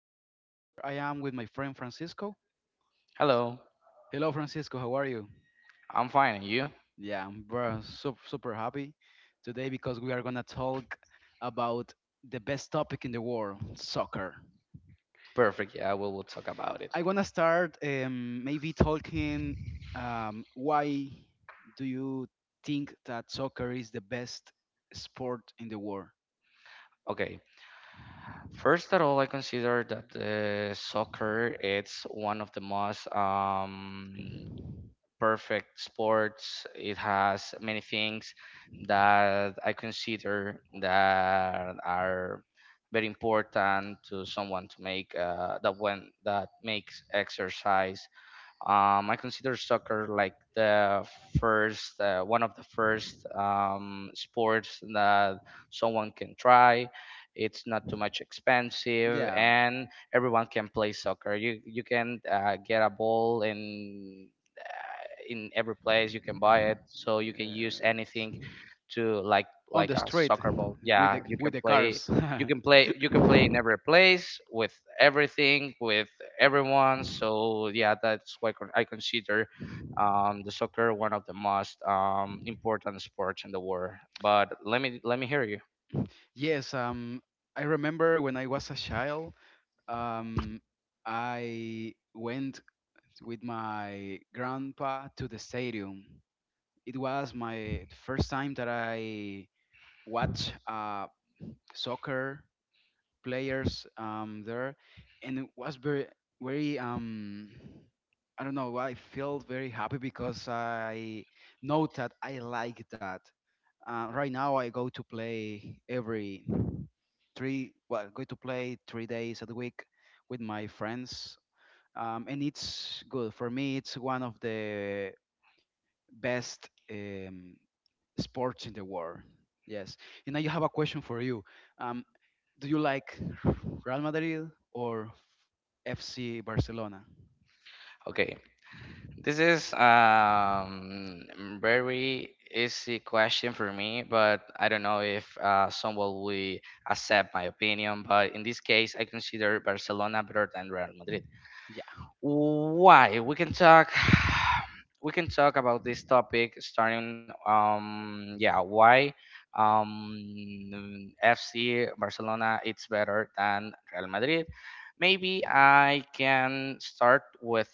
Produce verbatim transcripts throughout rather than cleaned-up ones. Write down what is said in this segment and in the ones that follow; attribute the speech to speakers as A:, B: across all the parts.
A: Here I am with here I am with my friend Francisco.
B: Hello,
A: Hello Francisco, how are you?
B: I'm fine. And you?
A: Yeah, I'm very super, super happy today because we are gonna talk about the best topic in the world, soccer.
B: Perfect. Yeah, we will talk about it.
A: I wanna start um, maybe talking um, why do you think that soccer is the best sport in the world?
B: Okay. First of all, I consider that uh, soccer it's one of the most um, perfect sports. It has many things that I consider that are very important to someone to make uh, that when that makes exercise. Um, I consider soccer like the first, uh, one of the first um, sports that someone can try. It's not too much expensive,
A: Yeah.
B: and everyone can play soccer. You you can uh, get a ball, and in every place you can buy it, so you can use
A: Yes.
B: anything to like
A: On
B: like
A: the
B: a
A: street
B: soccer ball.
A: with
B: Yeah,
A: the
B: you can
A: with the
B: play
A: cars.
B: you can play you can play in every place, with everything, with everyone. So yeah, that's why con- I consider um, the soccer one of the most um, important sports in the world. But let me let me hear you.
A: Yes. Um. I remember when I was a child. Um. I went with my grandpa to the stadium. It was my first time that I watched uh, soccer players um, there, and it was very very um, I don't know. I felt very happy because I know that I like that. Uh, right now, I go to play every three. Well, go to play three days a week with my friends, um, and it's good for me. It's one of the best um, sports in the world. Yes. And I have a question for you. Um, do you like Real Madrid or F C Barcelona?
B: Okay, this is um very easy question for me, but I don't know if uh, someone will accept my opinion. But in this case, I consider Barcelona better than Real Madrid.
A: Yeah,
B: Why? We can talk we can talk about this topic, starting um yeah, why um F C Barcelona it's better than Real Madrid. Maybe I can start with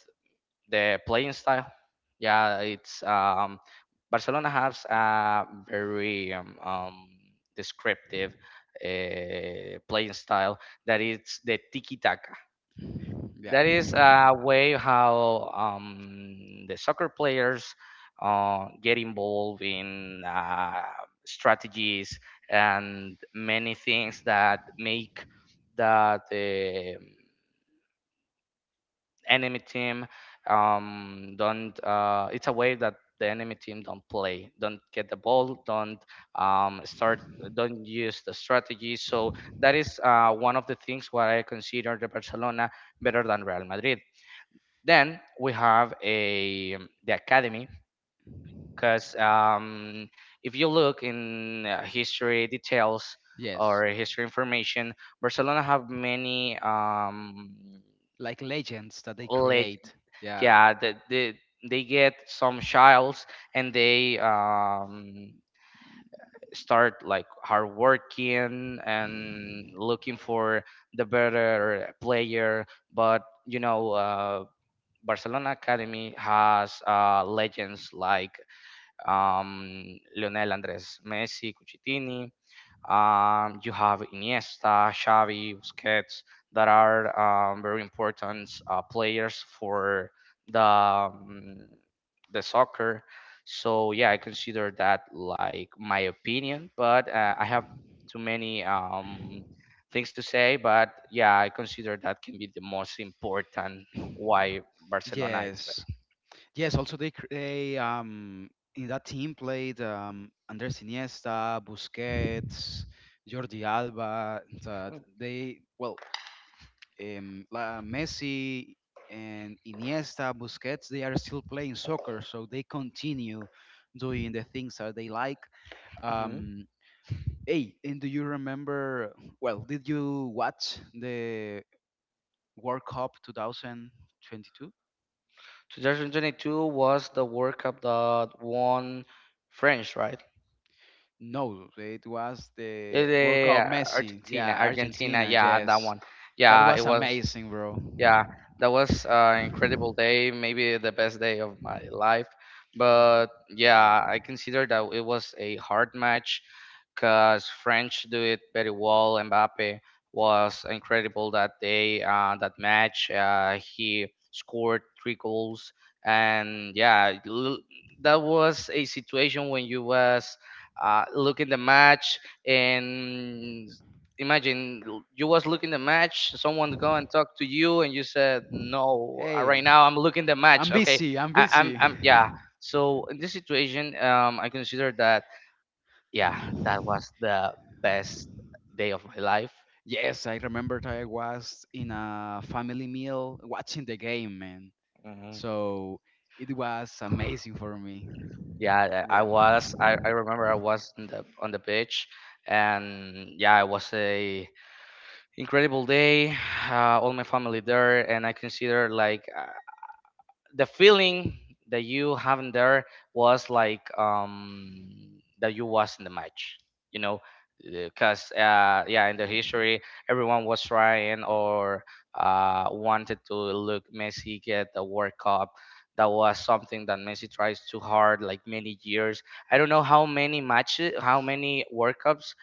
B: the playing style. Yeah, it's um Barcelona has a very um, um descriptive uh, playing style, that is the tiki taka,
A: yeah,
B: that is a way how um, the soccer players uh, get involved in uh, strategies and many things that make that the um, enemy team um, don't uh, it's a way that the enemy team don't play, don't get the ball, don't um, start, don't use the strategy. So that is uh, one of the things where I consider the Barcelona better than Real Madrid. Then we have a um, the academy, because um, if you look in uh, history details
A: yes.
B: or history information, Barcelona have many um,
A: Like legends that they
B: leg
A: create. Yeah.
B: yeah the, the, they get some childs, and they um, start like hard working and looking for the better player. But you know uh, Barcelona Academy has uh, legends like um, Lionel Andres Messi, Cucitini, um, you have Iniesta, Xavi, Busquets, that are um, very important uh, players for the um, the soccer. So yeah, I consider that like my opinion, but uh, I have too many um, things to say. But yeah, I consider that can be the most important why Barcelona is
A: Yes,
B: better.
A: yes. Also, they cr- they um in that team played um Andres Iniesta, Busquets, Jordi Alba. That they well um, La- Messi and Iniesta, Busquets, they are still playing soccer, so they continue doing the things that they like.
B: Mhm.
A: Um, hey, and do you remember? Well, did you watch the World Cup twenty twenty-two?
B: twenty twenty-two was the World Cup that won French, right?
A: No, it was
B: Is
A: the World
B: it
A: Cup
B: uh,
A: Messi.
B: Argentina?
A: Yeah,
B: Argentina,
A: Argentina.
B: yeah, that
A: Yes,
B: one.
A: that
B: Yeah,
A: was
B: it was.
A: amazing, bro.
B: Yeah, that was an incredible day, maybe the best day of my life. But
A: Yeah.
B: yeah, I consider that it was a hard match because French do it very well. Mbappe was incredible that day, uh, that match. Uh, he scored three goals. And yeah, l- that was a situation when you was uh, looking the match, and imagine l- you was looking the match, someone go and talk to you, and you said, no, uh,
A: Hey,
B: right now I'm looking the match.
A: I'm
B: Okay.
A: busy. I'm
B: I, i'm
A: busy.
B: i'm yeah, so in this situation um I consider that yeah, that was the best day of my life.
A: Yes, I remember that I was in a family meal watching the game, man.
B: Mhm.
A: So it was amazing for me.
B: Yeah, I I
A: Yeah.
B: was. I, I remember I was on the on the beach, and yeah, it was a incredible day. Uh, all my family there, and I consider like uh, the feeling that you having there was like um that you was in the match. you know because uh yeah, in the history, everyone was trying or uh wanted to look Messi get the World Cup. That was something that Messi tries too hard, like many years. I don't know how many matches, how many World Cups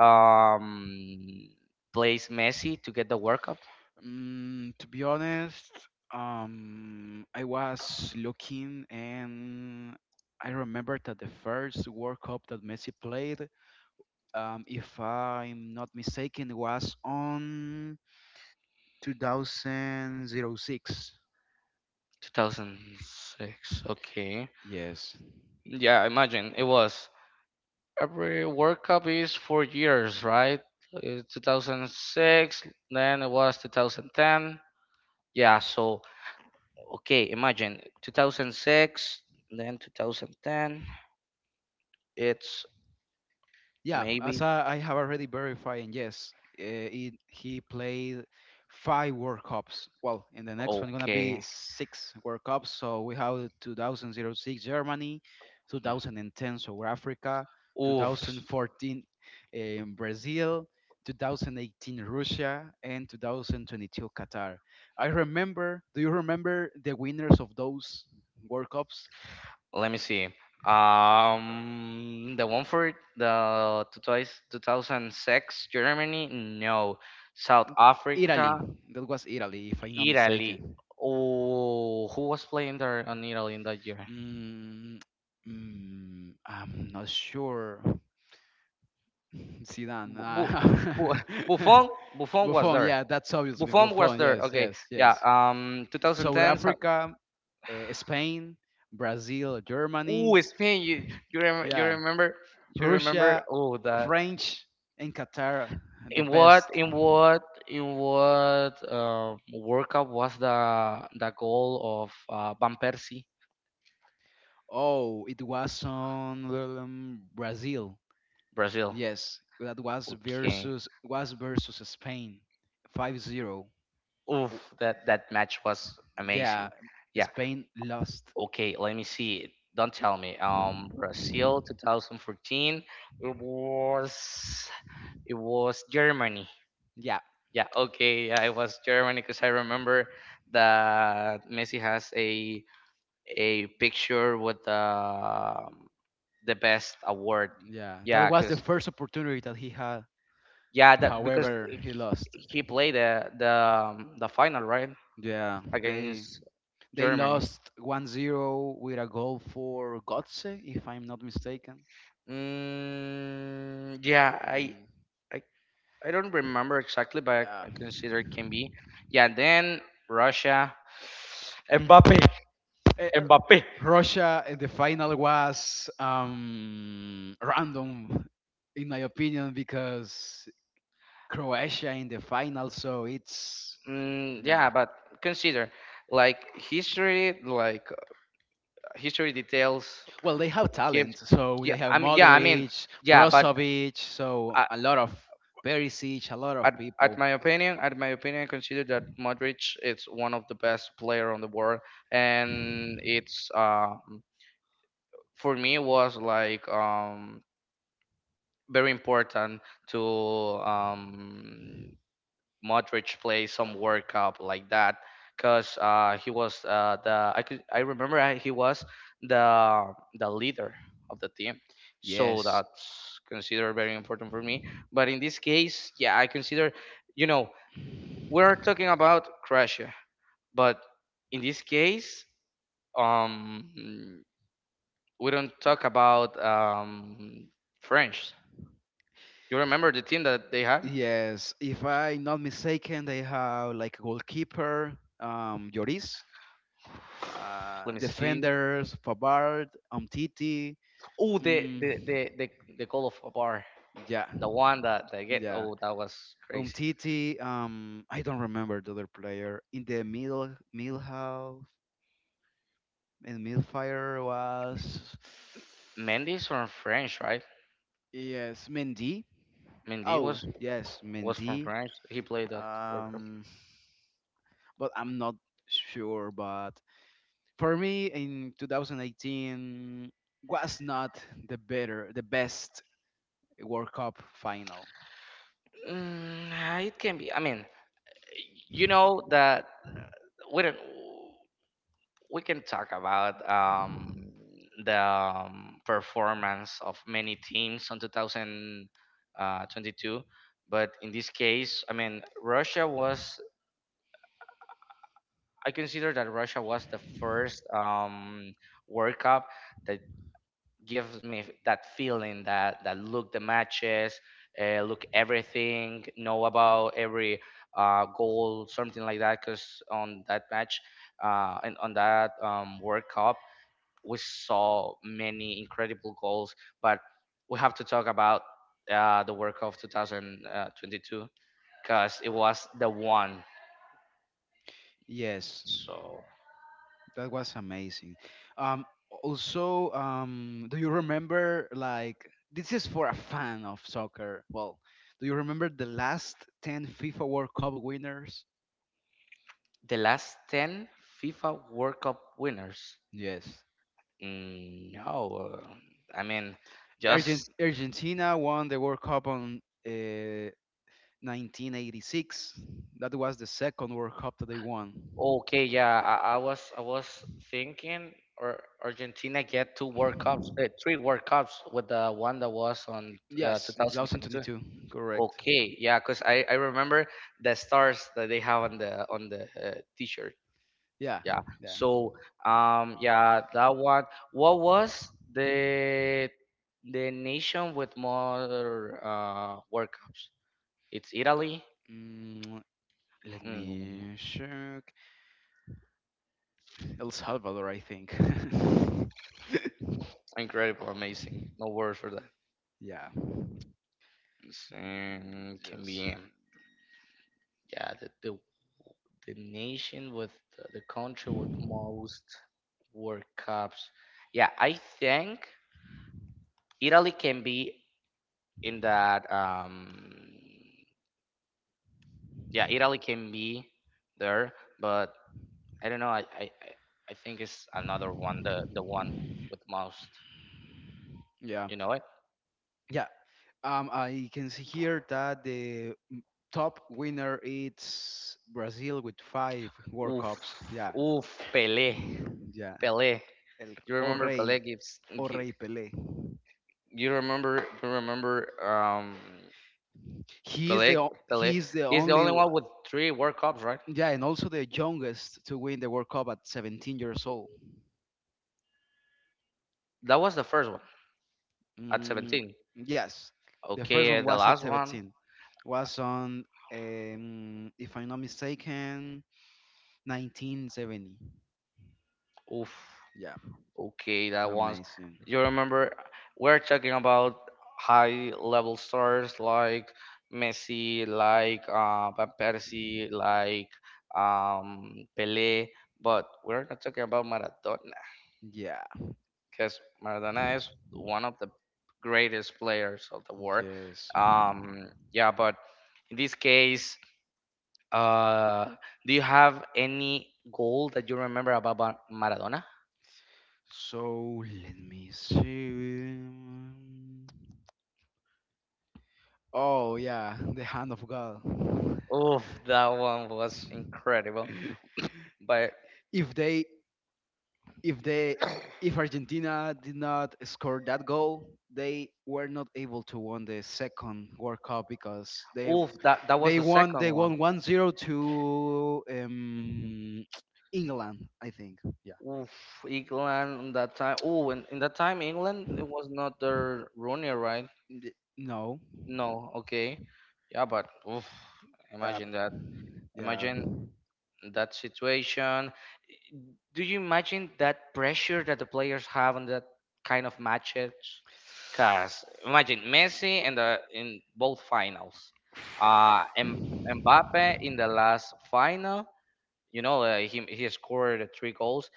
B: um plays Messi to get the World Cup
A: Mm, to be honest, um, I was looking and I remember that the first World Cup that Messi played, um, if I'm not mistaken, was on two thousand six.
B: two thousand six. Okay.
A: Yes.
B: Yeah, imagine it was. Every World Cup is four years, right? Uh, two thousand six, then it was two thousand ten. Yeah, so okay, imagine two thousand six, then two thousand ten. It's
A: Yeah, as
B: maybe
A: I, I have already verified, and yes, uh, it, he played five World Cups. Well, in the next one gonna be
B: okay.
A: six World Cups. So we have two thousand six Germany, two thousand ten South Africa,
B: Oof,
A: two thousand fourteen um, Brazil, twenty eighteen Russia, and twenty twenty-two Qatar. I remember. Do you remember the winners of those World Cups?
B: let me see. Um, the one for the two thousand six, Germany, no. South Africa,
A: Italy. That was Italy, if I'm not
B: Italy.
A: mistaken.
B: Oh, who was playing there on Italy in that year?
A: Mm, mm, I'm not sure. Zidane.
B: Bu- Bu- Bu-
A: Uh,
B: Buffon, Buffon was
A: Buffon,
B: there.
A: yeah, that's obviously
B: Buffon was
A: Buffon.
B: there.
A: Yes,
B: Okay,
A: yes,
B: yeah.
A: yes.
B: Um,
A: South
B: two thousand ten. so-
A: Africa, uh, Spain, Brazil, Germany,
B: Ooh, Spain. You you remember? You
A: yeah,
B: remember? You remember?
A: Russia,
B: Oh, that.
A: French, and Qatar, the
B: In
A: best.
B: what? In what? In what? Um, World Cup was the the goal of uh, Van Persie,
A: Oh, it was on um, Brazil.
B: Brazil.
A: Yes, that was
B: Okay.
A: versus was versus Spain, five zero.
B: Oof,
A: w-
B: that that match was
A: yeah,
B: amazing. Yeah,
A: Spain lost.
B: okay, let me see. Don't tell me. Um, Brazil twenty fourteen. It was it was Germany.
A: Yeah,
B: Yeah. Okay. Yeah, it was Germany because I remember that Messi has a a picture with the um, the best award.
A: yeah. That
B: Yeah,
A: was the
B: because
A: first opportunity that he had.
B: yeah, that because
A: However,
B: he
A: he lost.
B: he played the the um, the final, right,
A: Yeah, they
B: against
A: they
B: Germany.
A: lost one zero with a goal for Gotze, if I'm not mistaken.
B: Mm, yeah, I
A: Mm,
B: I I don't remember exactly, but
A: yeah.
B: I consider it can be. Yeah, then Russia, Mbappe,
A: Eh, R-
B: Mbappe.
A: Russia in the final was um, random, in my opinion, because Croatia in the final, so it's.
B: Mm,
A: Yeah.
B: yeah, but consider like history, like uh, history details
A: Well, they have
B: gives.
A: talent. So
B: Yeah,
A: they have
B: I mean, yeah, I mean,
A: Modric,
B: yeah, but
A: Brozovic, so
B: uh,
A: a lot of Perisic, a lot
B: at
A: of
B: at
A: people.
B: my opinion, at my opinion, I consider that Modric is one of the best player on the world, and it's uh, for me was like um very important to um Modric play some World Cup like that, because uh, he was uh, the I could I remember I- he was the the leader of the team. So
A: Yes,
B: that's considered very important for me. But in this case, yeah, I consider you know we're talking about Croatia, but in this case, um, we don't talk about um, French. You remember the team that they had?
A: yes. If I'm not mistaken, they have like goalkeeper, um, Lloris, uh,
B: Let me see.
A: defenders, Fabard, Umtiti.
B: Oh, the
A: Mm,
B: the the the, the goal of a bar,
A: yeah,
B: the one that they get.
A: yeah.
B: Oh, that was crazy.
A: Umtiti, um, I don't remember the other player. In the middle, Milhouse, and Milfire was,
B: Mendy's from French, right?
A: yes, Mendy.
B: Mendy
A: Oh,
B: was
A: yes,
B: was from
A: Mendy.
B: France. He played that World Cup.
A: Um, but I'm not sure. But for me, in two thousand eighteen, was not the better, the best World Cup final.
B: Mm, it can be. I mean, you know that uh, we don't, we can talk about um, the um, performance of many teams on two thousand twenty-two, but in this case, I mean, Russia was I consider that Russia was the first um, World Cup that gives me that feeling, that that look the matches, uh, look everything, know about every uh, goal, something like that. Because on that match, uh, and on that um, World Cup, we saw many incredible goals. But we have to talk about uh, the World Cup of two thousand twenty-two, because it was the one.
A: Yes,
B: So.
A: that was amazing. Um, also, um, do you remember, like, this is for a fan of soccer? Well, do you remember the last ten FIFA World Cup winners?
B: The last ten FIFA World Cup winners?
A: Yes,
B: Mm, no, uh, I mean,
A: Argent-
B: just
A: Argentina won the World Cup on uh, nineteen eighty-six. That was the second World Cup that they won.
B: okay. Yeah, I, I was I was thinking, or Argentina get two World Cups, eh, three World Cups with the one that was on uh,
A: Yes, in
B: twenty twenty-two.
A: two thousand twenty-two, correct.
B: Okay, yeah, because I, I remember the stars that they have on the on the uh, t-shirt.
A: Yeah,
B: Yeah,
A: yeah.
B: so um yeah, that one. What was the the nation with more uh World Cups? It's Italy.
A: Mm, let
B: Hmm,
A: me check. El Salvador, I think.
B: incredible, amazing, no words for that.
A: Yeah. Mm,
B: It's, um, can
A: Just
B: be, um, yeah, the, the the nation with the, the country with most World Cups. Yeah, I think Italy can be in that. Um yeah, Italy can be there, but I don't know. I I I I think it's another one. The the one with most.
A: yeah,
B: You know it.
A: yeah. Um, I can see here that the top winner is Brazil with five World
B: Oof,
A: Cups. Yeah,
B: oof, Pelé,
A: yeah.
B: Pelé.
A: El
B: You
A: O
B: remember
A: Rey,
B: Pelé gives.
A: O
B: gi-
A: Rey Pelé.
B: You remember you remember um
A: He is
B: Pelé,
A: the o-
B: Pelé.
A: he is the
B: He's the
A: only
B: only
A: one.
B: one with three World Cups, right?
A: Yeah, and also the youngest to win the World Cup at seventeen years old.
B: That was the first one at
A: Mm,
B: seventeen.
A: yes, the first
B: Okay,
A: one
B: the
A: was at
B: last one.
A: seventeen. Was on, um, if I'm not mistaken, nineteen seventy.
B: Oof.
A: Yeah,
B: Okay, that one's.
A: amazing.
B: You remember we're talking about high level stars like Messi, like uh, Van Persie, like um, Pelé, but we're not talking about Maradona,
A: Yeah.
B: because Maradona is one of the greatest players of the world.
A: Yes.
B: Um, yeah, but in this case, uh, do you have any goal that you remember about Mar- Maradona?
A: So let me see. Oh yeah, the hand of God.
B: Oh, that one was incredible. But
A: If they, if they, if Argentina did not score that goal, they were not able to win the second World Cup because they
B: oof, that that was
A: they
B: the
A: won
B: second
A: they
B: one.
A: won one zero to um England, I think. Yeah.
B: Oof, England in that time. Oh, in, in that time, England it was not their Rooney, right?
A: Y- No.
B: No, okay, yeah, but oof,
A: Yeah.
B: imagine that.
A: Yeah.
B: Imagine that situation. Do you imagine that pressure that the players have on that kind of matches? Cause imagine Messi in the in both finals, uh, and Mbappe in the last final. You know, uh, he he scored three goals.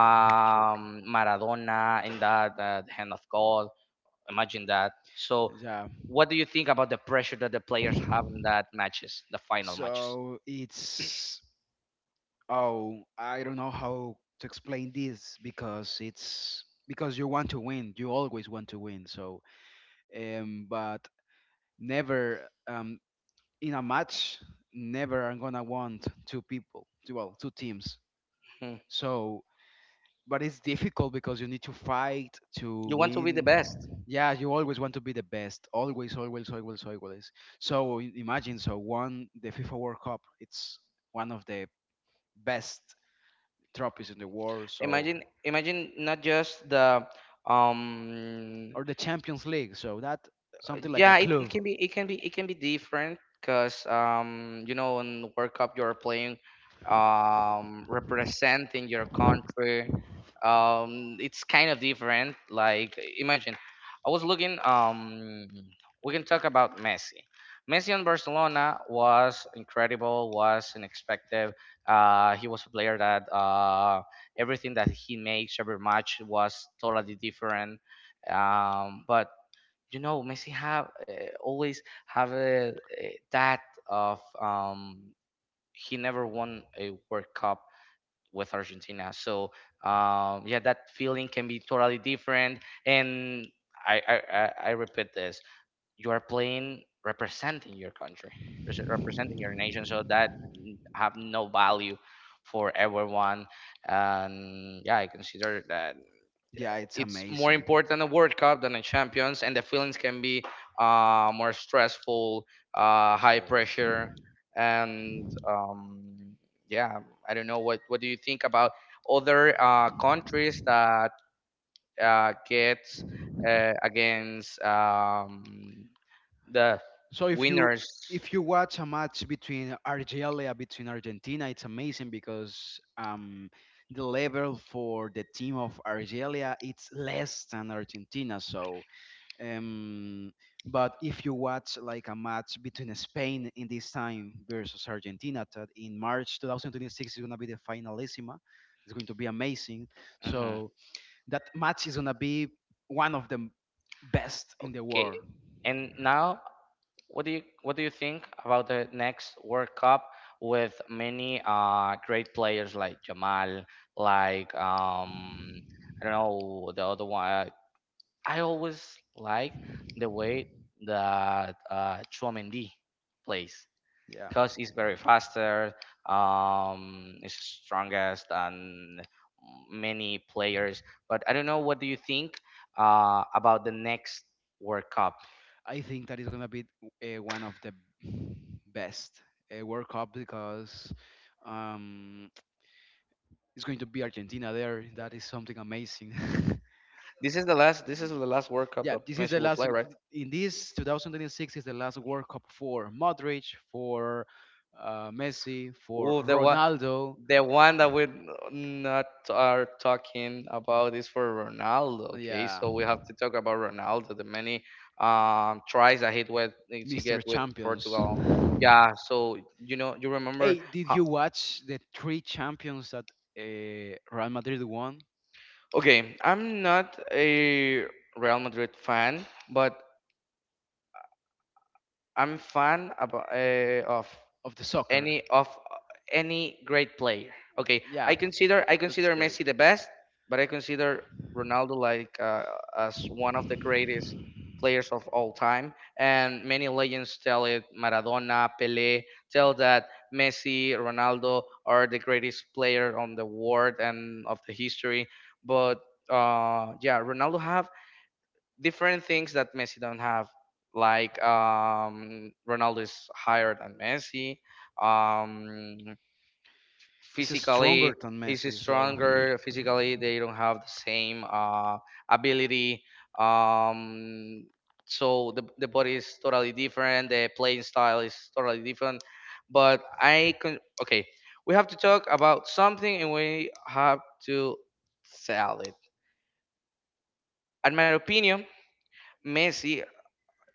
A: Yeah. Hat trick.
B: Maradona in that uh, the hand of God. Imagine that. So,
A: Yeah.
B: what do you think about the pressure that the players have in that matches, the final matches?
A: So it's, oh, I don't know how to explain this because it's because you want to win. You always want to win. So um, but never um in a match, never I'm gonna want two people, well, two teams.
B: Hmm.
A: So but it's difficult because you need to fight to
B: You want to be the best.
A: win. Yeah, you always want to be the best. Always, always, always, always. So i- imagine, so one the FIFA World Cup. It's one of the best trophies in the world. So
B: Imagine, imagine, not just the um
A: or the Champions League. So that something like a
B: yeah it,
A: club.
B: it can be it can be it can be different, because um you know in World Cup you're playing, um representing your country. Um it's kind of different. Like, imagine, I was looking um we can talk about messi messi on Barcelona was incredible, was unexpected. Uh he was a player that uh everything that he makes, every match was totally different. Um but you know Messi have uh, always have a, a- that of um, he never won a World Cup with Argentina. So um, yeah, that feeling can be totally different. And I I, I I repeat this: you are playing representing your country, res- representing your nation. So that have no value for everyone. And yeah, I consider that
A: Yeah, it's
B: it's more
A: amazing.
B: important a World Cup than a Champions, and the feelings can be uh, more stressful, uh, high
A: Cheers.
B: pressure, and um, yeah, I don't know what what do you think about other uh, countries that uh, get uh, against um, the
A: So if you
B: winners.
A: if you watch a match between Argelia between Argentina, it's amazing because um the level for the team of Argelia it's less than Argentina. So um but if you watch like a match between Spain in this time versus Argentina that in March twenty twenty-six is gonna be the finalissima. It's going to be amazing.
B: Mhm.
A: So that match is gonna be one of the best in the
B: Okay,
A: world.
B: and now. What do you what do you think about the next World Cup with many uh great players like Jamal, like um I don't know the other one. uh, I always like the way that uh Chouameni plays
A: Yeah.
B: because he's very faster, um is strongest and many players. But I don't know what do you think uh about the next World Cup?
A: I think that is gonna be uh, one of the best uh, World Cup because um, it's going to be Argentina there. That is something amazing.
B: This is the last. This is the
A: And,
B: last World Cup that
A: yeah,
B: Messi
A: this is
B: will
A: the
B: play,
A: last.
B: right?
A: In this twenty twenty-six is the last World Cup for Modric, for uh, Messi, for
B: Ooh, the one,
A: Ronaldo.
B: the one that we not are talking about is for Ronaldo. Okay,
A: Yeah,
B: so we have to talk about Ronaldo. The many um, tries that he with he
A: mister
B: get with
A: Champions.
B: Portugal. Yeah. So you know, you remember?
A: Hey, did
B: How,
A: you watch the three champions that uh, Real Madrid won
B: okay, I'm not a Real Madrid fan, but I'm fan about uh, of
A: of the soccer?
B: any of any great player. Okay,
A: Yeah,
B: I consider I
A: that's
B: consider
A: great.
B: Messi the best, but I consider Ronaldo like uh, as one of the greatest players of all time. And many legends tell it Maradona, Pelé tell that Messi, Ronaldo are the greatest player on the world and of the history. But uh, yeah, Ronaldo have different things that Messi don't have, like um, Ronaldo is higher than Messi. Um,
A: He's
B: physically,
A: stronger than
B: is
A: Messi, so
B: stronger? Physically, they don't have the same uh, ability. Um, so the, the body is totally different. The playing style is totally different. But I can okay. We have to talk about something, and we have to sell it. In my opinion, Messi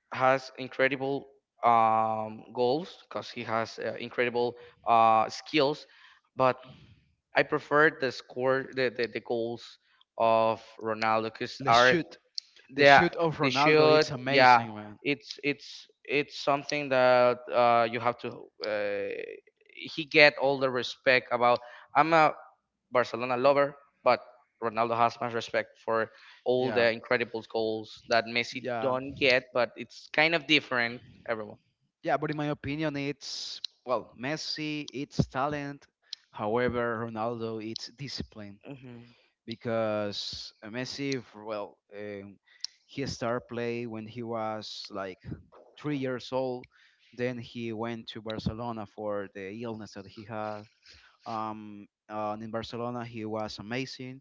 B: has incredible um, goals because he has uh, incredible uh, skills, but I prefer the score the, the, the goals of Ronaldo because
A: let's
B: are
A: shoot. The
B: they are-
A: shoot of
B: they
A: Ronaldo,
B: should
A: it's
B: yeah
A: amazing, man.
B: it's it's it's something that uh, you have to uh, he get all the respect about I'm a Barcelona lover, but Ronaldo has much respect for all
A: Yeah,
B: the incredible goals that Messi
A: yeah,
B: don't get, but it's kind of different. Everyone.
A: yeah. But in my opinion, it's, well, Messi, it's talent. However, Ronaldo, it's discipline.
B: hmm
A: because uh, Messi, f- well, um, he started play when he was like three years old. Then he went to Barcelona for the illness that he had. Um, and in Barcelona, he was amazing.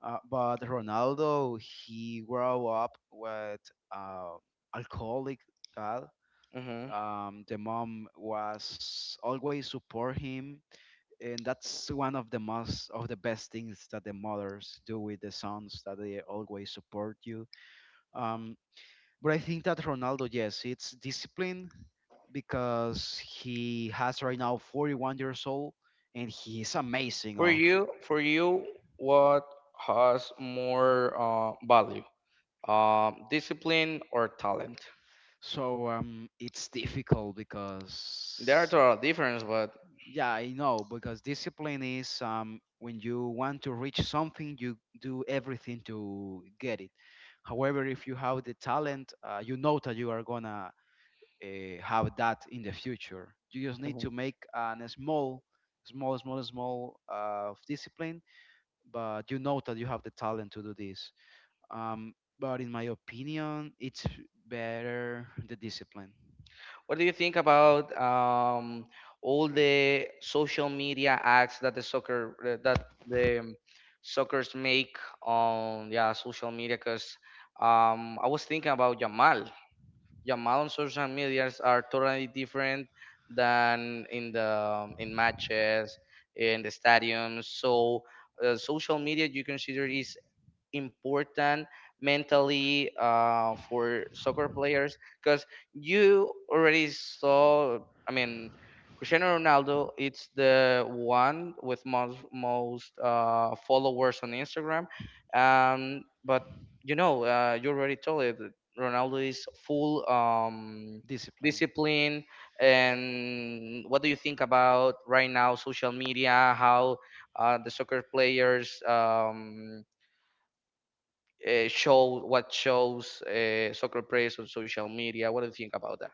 A: Uh, but Ronaldo, he grew up with uh, alcoholic dad.
B: hmm
A: Um, the mom was always support him and that's one of the most of the best things that the mothers do with the sons that they always support you, um but I think that Ronaldo, yes, it's discipline because he has right now forty-one years old and he is amazing
B: For
A: of
B: you, for you, what has more uh, value, um, discipline or talent?
A: so um it's difficult
B: There are
A: because,
B: total difference, but
A: yeah, I know because discipline is, um, when you want to reach something, you do everything to get it. However, if you have the talent, uh, you know that you are gonna uh, have that in the future. You just need
B: Mhm.
A: to make an small, small, small, small uh, of discipline, but you know that you have the talent to do this. Um, but in my opinion, it's better the discipline.
B: What do you think about um, all the social media ads that the soccer uh, that the soccer's make on yeah social media? Because um, I was thinking about Jamal. Jamal on social medias are totally different than in the um, in matches in the stadiums. So uh, social media you consider is important mentally uh, for soccer players because you already saw I mean Cristiano Ronaldo it's the one with most most uh, followers on Instagram, um, but you know uh, you already told it that Ronaldo is full um,
A: Discipline,
B: discipline and what do you think about right now social media how uh, the soccer players um, uh, show what shows uh, soccer players on social media. What do you think about that?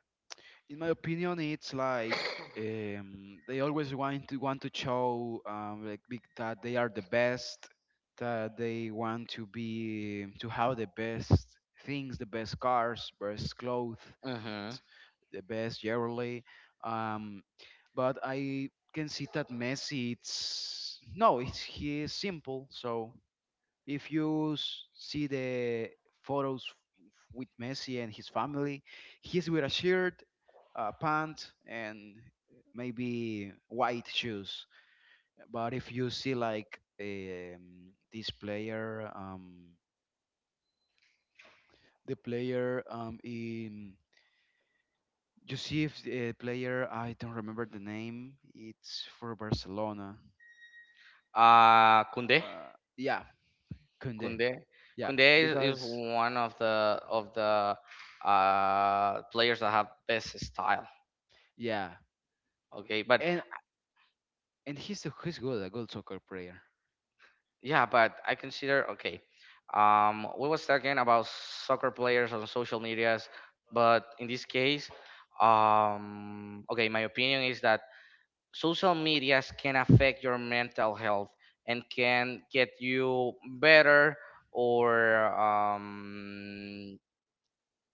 A: in my opinion, it's like, um, they always want to want to show, um, like big, that they are the best, that they want to be to have the best things, the best cars, best clothes,
B: Mm-hmm.
A: the best jewelry. Um, but I can see that Messi, it's no, it's, he is simple, so if you s- see the photos f- with Messi and his family, he's with a shirt, a pant, and maybe white shoes. But if you see like, um, this player, um, the player um, in you see if the player, I don't remember the name. It's for Barcelona.
B: Uh, Kunde,
A: Uh, yeah, Kunde.
B: Kunde,
A: Yeah,
B: Kunde is, is
A: because,
B: one of the of the uh, players that have best style.
A: yeah,
B: Okay, but
A: and and he's a- he's good, a good soccer player.
B: yeah, but I consider okay. Um, we was talking about soccer players on social medias, but in this case, um, okay, my opinion is that social medias can affect your mental health and can get you better or um,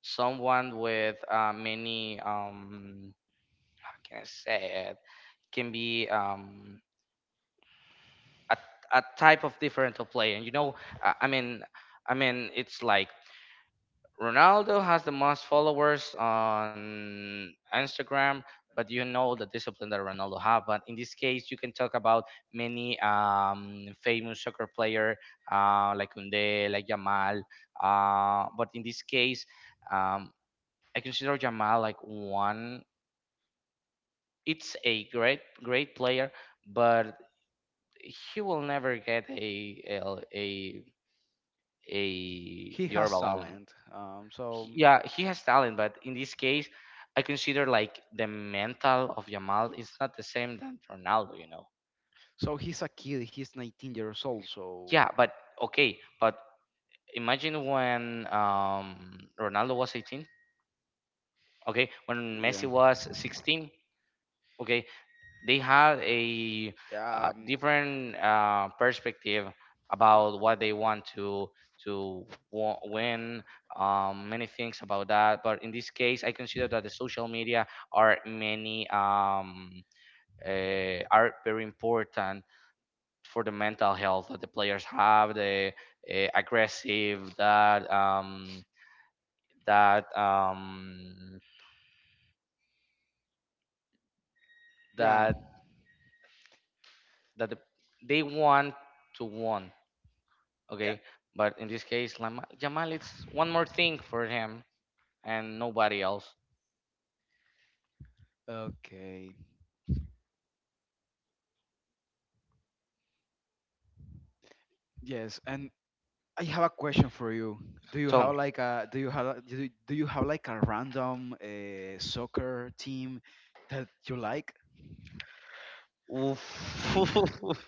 B: someone with uh, many um, how can I say it can be um, a, a type of different of player. You know, I, I mean, I mean, it's like Ronaldo has the most followers on Instagram, but you know the discipline that Ronaldo have. But in this case, you can talk about many um, famous soccer player uh, like Kunde, like Yamal. Uh, but in this case, um, I consider Yamal like one. It's a great, great player, but he will never get a a a, a
A: He
B: Dior
A: has
B: Ballon.
A: talent. Um, so
B: he- yeah, he has talent, but in this case, I consider like the mental of Yamal is not the same than Ronaldo, you know.
A: so he's a kid. He's nineteen years old. So
B: Yeah, but okay, but imagine when um Ronaldo was eighteen, okay, when
A: yeah.
B: Messi was sixteen, okay, they had a
A: Yeah,
B: uh,
A: um,
B: different uh, perspective about what they want to to wa- win um, many things about that but in this case I consider that the social media are many um, uh, are very important for the mental health that the players have the uh, aggressive that um, that um,
A: yeah,
B: that that the, they want to win.
A: yeah.
B: Okay, but in this case, Lama Jamal, it's one more thing for him and nobody else.
A: Okay. Yes, and I have a question for you. Do you
B: Tell
A: have
B: me.
A: like a, do you have a- do you do you have like a random uh, soccer team that you like?
B: Oof.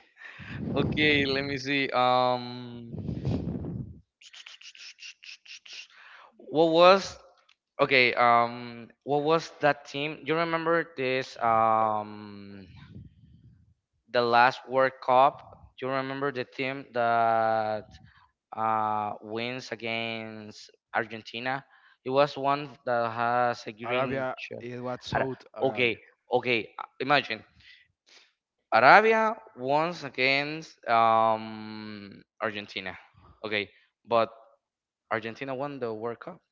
B: okay, let me see. Um, what was okay? Um, what was that team? You remember this? Um, the last World Cup. You remember the team that uh, wins against Argentina. It was one that has a green
A: Arabia
B: shirt.
A: is, what,
B: Ara-
A: Saudi Arabia.
B: Okay, okay. uh, imagine Arabia once against um, Argentina. Okay, but Argentina won the World Cup.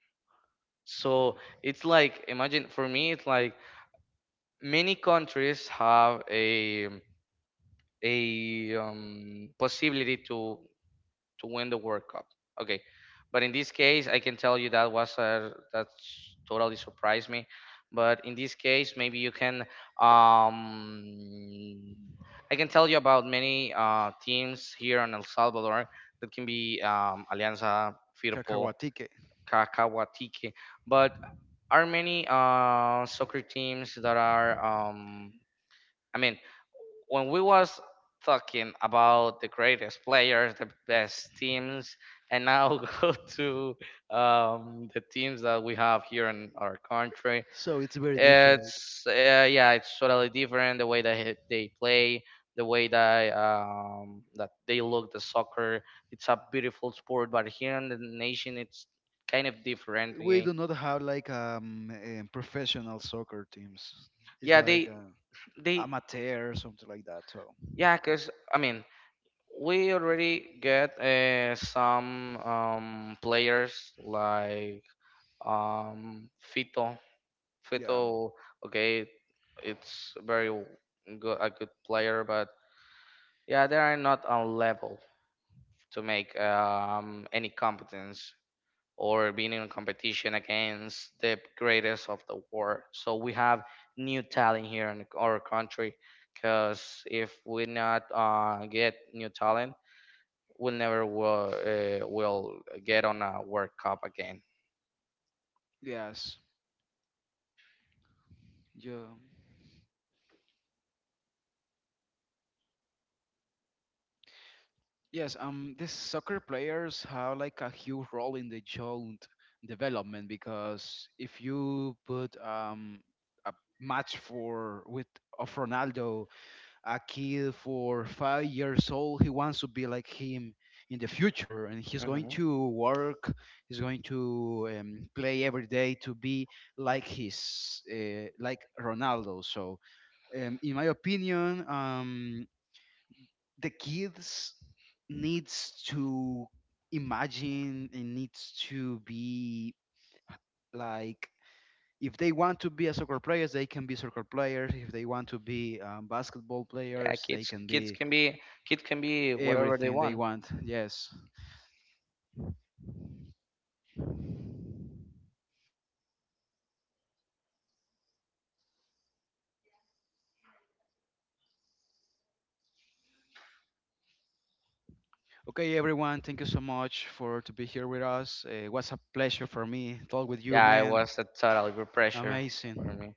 B: So it's like imagine for me, it's like many countries have a a um, possibility to to win the World Cup. Okay, but in this case, I can tell you that was uh, that totally surprised me. But in this case, maybe you can. Um, I can tell you about many uh, teams here in El Salvador that can be um, Alianza, Firpo,
A: Cacahuatique.
B: Cacahuatique, but are many uh, soccer teams that are um, I mean, when we was talking about the greatest players, the best teams, and now go to um, the teams that we have here in our country,
A: So it's very different.
B: it's uh, yeah, it's totally different the way that he- they play, the way that um, that they look the soccer. It's a beautiful sport, but here in the nation, it's kind of different.
A: We
B: Okay?
A: do not have like, um, um professional soccer teams. It's
B: Yeah,
A: like
B: they
A: uh,
B: they
A: amateur or something like that. So
B: yeah, cause I mean we already get uh, some um, players like um, Fito.
A: yeah, um,
B: Fito, okay, it's very w- good, a good player, but yeah, they are not on level to make um, any competence or being in competition against the greatest of the world. So we have new talent here in our country because if we not uh, get new talent will never will, uh, will get on a World Cup again.
A: yes, yeah. Yes, um, these soccer players have like a huge role in the joint development because if you put um a match for with of Ronaldo, a kid for five years old, he wants to be like him in the future, and he's going
B: Hmm.
A: to work, he's going to um, play every day to be like his uh, like Ronaldo. So, um, in my opinion, um, the kids needs to imagine and needs to be like, if they want to be a soccer players they can be soccer players, if they want to be um, basketball
B: Yeah,
A: players they
B: kids
A: can
B: kids
A: be
B: can be kids can be whatever they
A: everything they
B: want.
A: want. Yes, okay, everyone, thank you so much for to be here with us. Uh, it was a pleasure for me talk with you,
B: Yeah, it
A: man.
B: was a total good pressure for
A: Amazing.
B: me.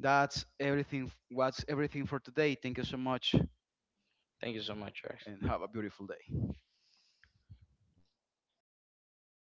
A: That's everything what's everything for today. Thank you so much
B: Thank you so much, Rex.
A: and have a beautiful day.